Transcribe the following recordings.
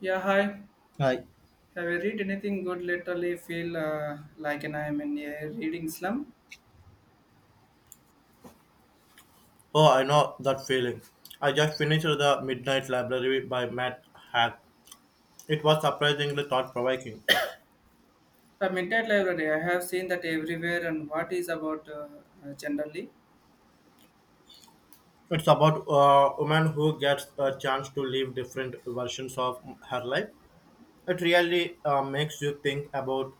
Yeah, hi. Hi. Have you read anything good lately? Feel like an I am in a reading slum. Oh, I know that feeling. I just finished The Midnight Library by Matt Haig. It was surprisingly thought provoking. The Midnight Library, I have seen that everywhere and what is about generally. It's about a woman who gets a chance to live different versions of her life. It really makes you think about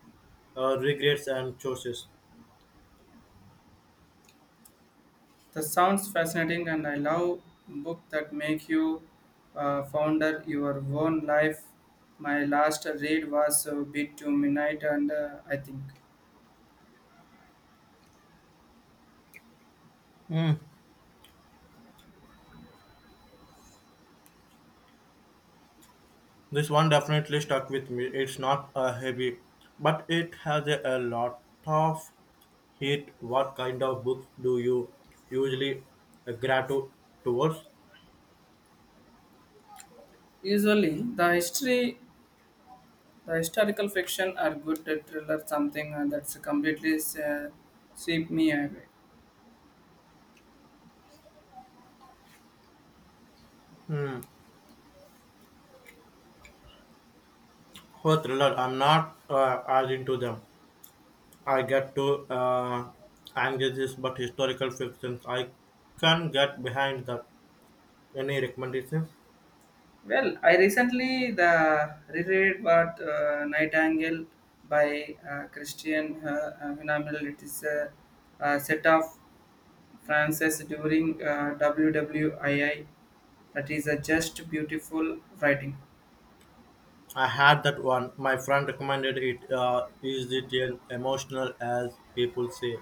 regrets and choices. The sounds fascinating and I love book that make you founder your own life. My last read was a bit to midnight and I think. Hmm. This one definitely stuck with me. It's not heavy, but it has a lot of heat. What kind of books do you usually gravitate towards? Usually the history, the historical fiction are good thriller something that's completely uh, sweep me away. Hmm. For thriller, I'm not as into them. I get to anxieties, but historical fictions, I can get behind that. Any recommendations? Well, I recently the reread what Nightingale by Christian Hunammel. It is a set of Francis during WWII. That is a just beautiful writing. I had that one. My friend recommended it. Is it an emotional as people say?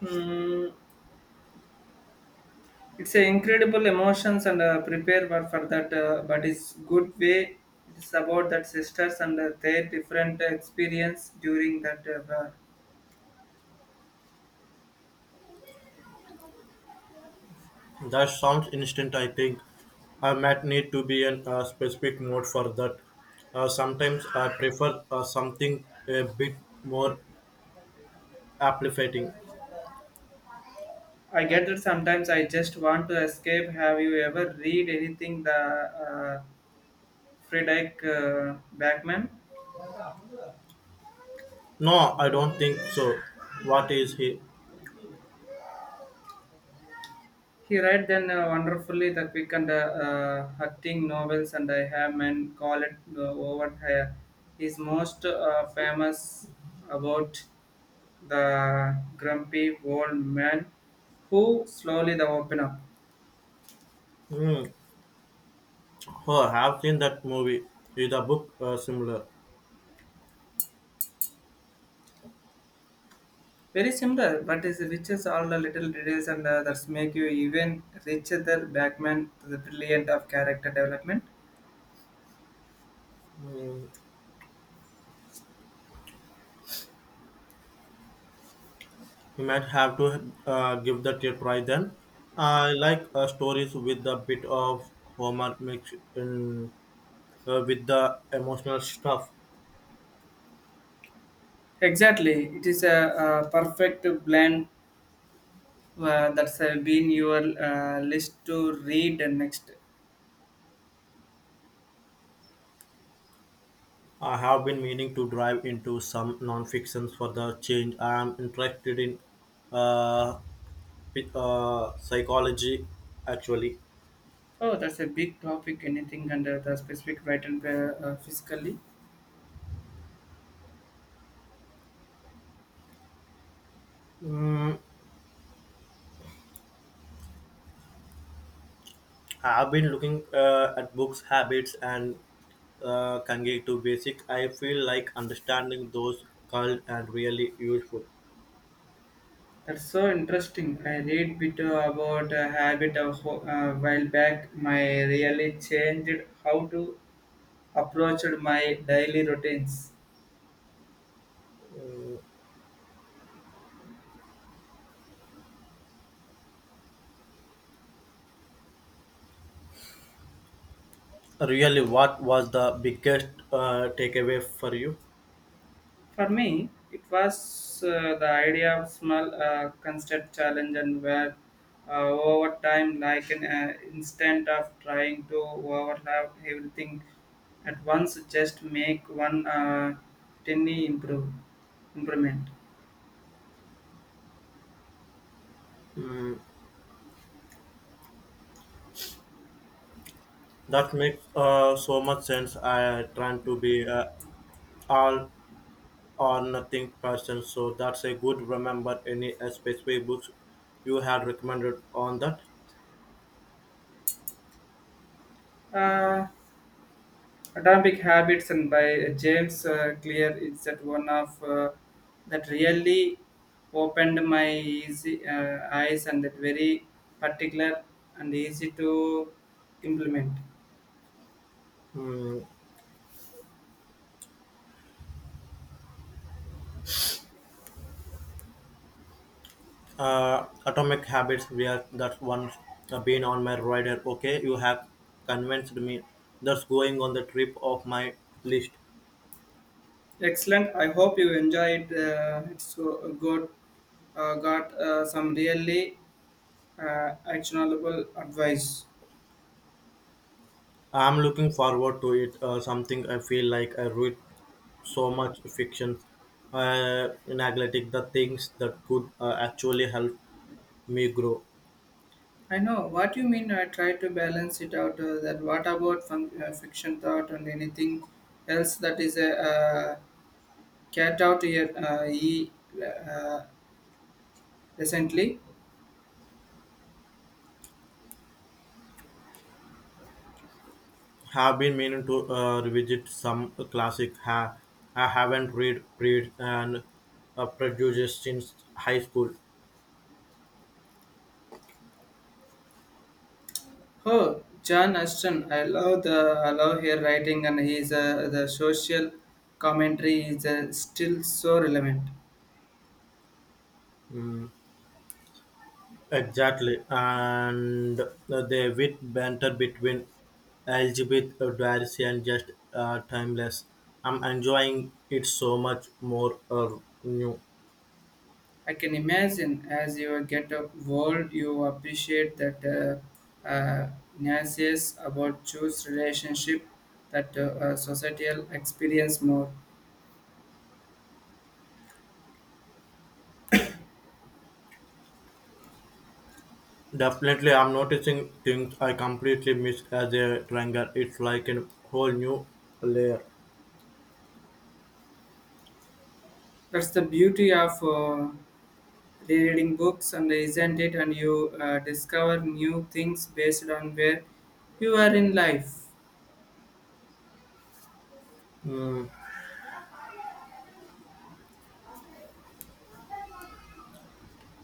Hmm, it's a incredible emotions and prepare for that, but it's good way. It's about that sisters and their different experience during that war. That sounds instant. I think I might need to be in a specific mode for that. Sometimes I prefer something a bit more amplifying. I get that sometimes I just want to escape. Have you ever read anything the Friedrich Backman? No, I don't think so. What is he? He read then wonderfully the quick and hurting novels, and I have men call it over here. He's most famous about the grumpy old man who slowly the open up. Mm. Oh, I have seen that movie. Is the book similar? Very similar, but is riches all the little details and that's make you even richer the Backman to the brilliant of character development. Mm. You might have to give that a try then. I like stories with a bit of humor mixed in with the emotional stuff. Exactly, it is perfect blend that's been your list to read and next. I have been meaning to dive into some non-fictions for the change. I am interested in uh, psychology actually. Oh, that's a big topic. Anything under the specific right and physically. Mm, have been looking at books habits and kanji to basic I feel like understanding those called and really useful That's so interesting. I read bit about a habit of while back. My really changed how to approach my daily routines. really what was the biggest takeaway for you. For me, it was the idea of small constant challenge and where over time, like an instant of trying to overlap everything at once, just make one tiny improvement. Hmm, that makes so much sense I trying to be all or nothing person so that's a good remember any specific books you had recommended on that. Uh, Atomic Habits and by James Clear is that one of that really opened my easy, eyes and that very particular and easy to implement. Hmm, Atomic Habits, where that's one been on my radar. Okay, you have convinced me. That's going on the trip of my list. Excellent. I hope you enjoyed. It's so good. Got some really actionable advice. I'm looking forward to it. Something I feel like I read so much fiction, in athletic, the things that could actually help me grow. I know what you mean. I try to balance it out. That what about fiction thought and anything else that is a Cat out here, he uh, recently. Have been meaning to revisit some classic. I haven't read Read and Prejudice since high school. Oh, John Ashton, I love her writing, and his the social commentary is still so relevant. Hmm. Exactly, and the wit banter between Elizabeth Darcy and just timeless. I'm enjoying it so much more new. I can imagine as you get old, you appreciate that uh, uh, nuances about choose relationship that societal experience more. Definitely, I'm noticing things I completely miss as a tranger. It's like a whole new layer. That's the beauty of. Rereading books and isn't it and you discover new things based on where you are in life. Mm.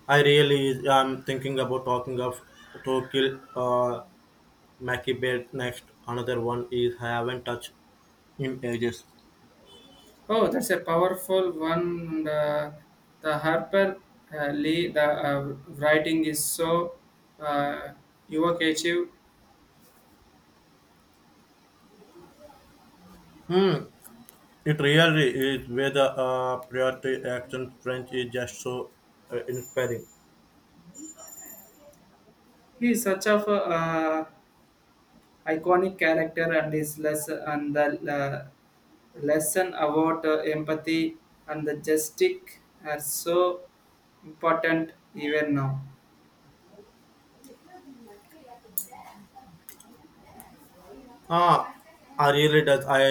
I really am thinking about talking of Tokil Mackie Bear next. Another one is I haven't touched in ages. Oh, that's a powerful one and the Harper Lee the writing is so uh, evocative. Hmm. It really is where the priority action French is just so inspiring. He is such of a iconic character and his lesson and the lesson about empathy and the justice are so important even now. Ah, I really does. I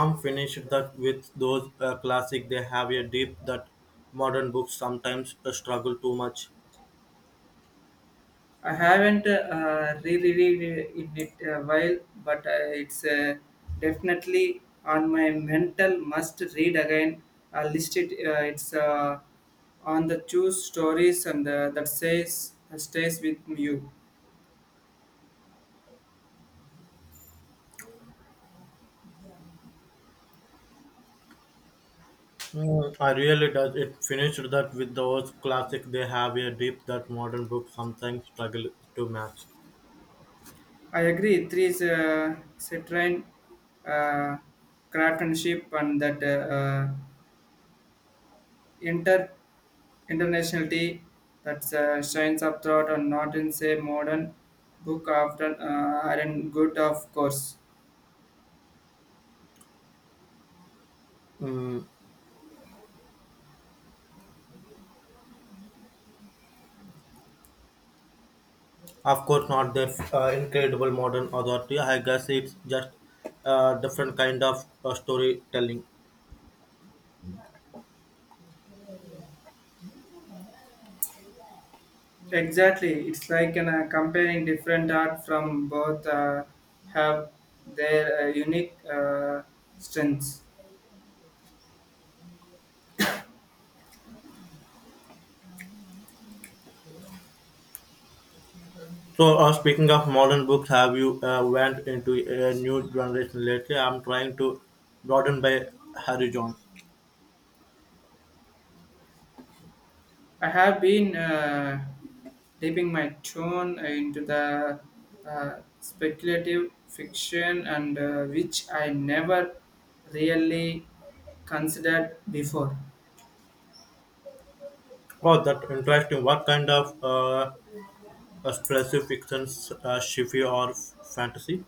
am finished that with those classic. They have a deep that modern books sometimes struggle too much. I haven't re-read in it a while, but it's definitely on my mental must read again. I listed it's on the two stories and that says that stays with you. Mm, I really does. It finished that with those classic. They have a deep that modern books sometimes struggle to match. I agree. Three is Citroen, uh, craftsmanship, and that internationality that shines up throughout and not in say modern book often are in good of course. Mm, of course, not their incredible modern authority. I guess it's just a different kind of storytelling. Exactly, it's like an, comparing different art from both have their unique strengths. So, speaking of modern books, have you went into a new generation lately? I'm trying to broaden by horizons. I have been dipping my tone into the speculative fiction and which I never really considered before. Oh, that interesting. What kind of specific fictions, sci-fi or fantasy?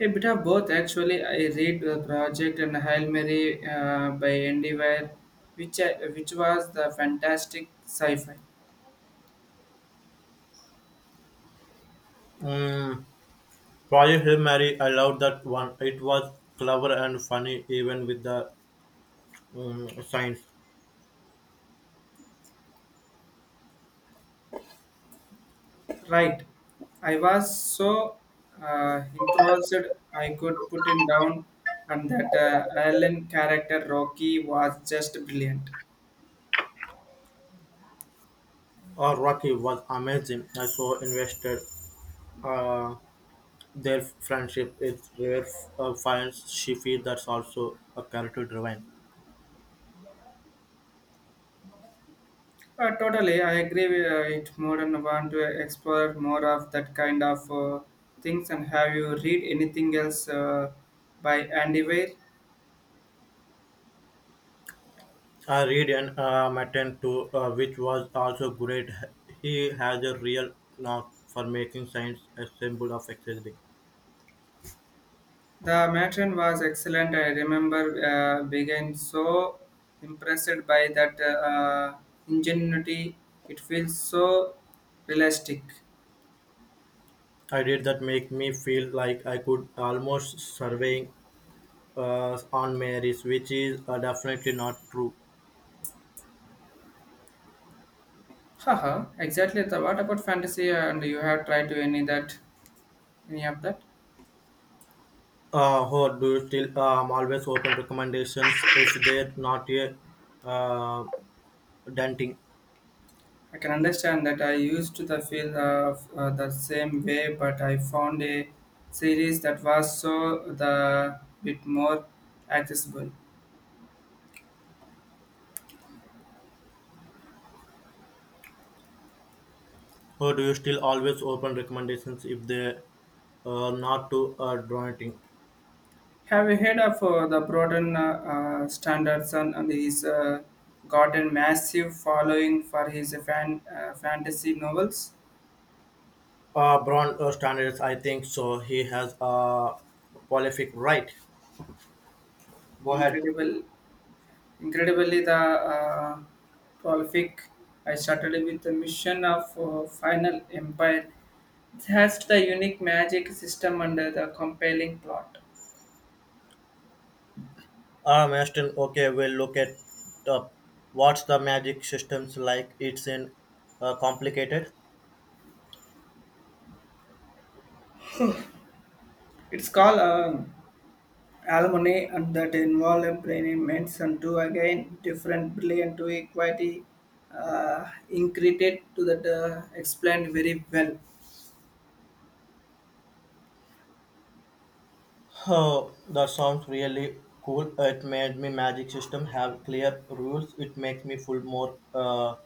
A bit of both, actually. I read the project and Hail Mary by Endeavour, which was the fantastic sci-fi. Mm, Project Hail Mary, I loved that one. It was clever and funny, even with the science. Right, I was so engrossed I could put it down, and that Alan character Rocky was just brilliant. Or Rocky was amazing. I so invested. Uh, Their friendship is rare finds she feels that's also a character driven. Totally, I agree with it more and want to explore more of that kind of things. And have you read anything else by Andy Weir? I read and Matten too, which was also great. He has a real knack for making science a symbol of existing. The matron was excellent. I remember being so impressed by that ingenuity. It feels so realistic. I did that make me feel like I could almost surveying on Mary's, which is definitely not true. Haha, exactly. What about fantasy? And you have tried to any of that? Or do you still always open recommendations if they're not a uh, denting? I can understand that I used to the feel of the same way, but I found a series that was so the bit more accessible. Or do you still always open recommendations if they not to drawing? Have you heard of the Broden Standardson and he's gotten massive following for his fantasy novels? Braun standards, I think so. He has a prolific right. Go ahead. Incredible, incredibly the prolific. I started with the mission of Final Empire. It has the unique magic system under the compelling plot. Maston, okay, we'll look at up. What's the magic systems like? It's in complicated. It's called alumni and that involve implements and two again different brilliant to equity increated to that explained very well. Oh, that sounds really cool. It made me magic system have clear rules. It makes me feel more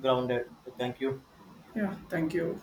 grounded. Thank you. Yeah, thank you.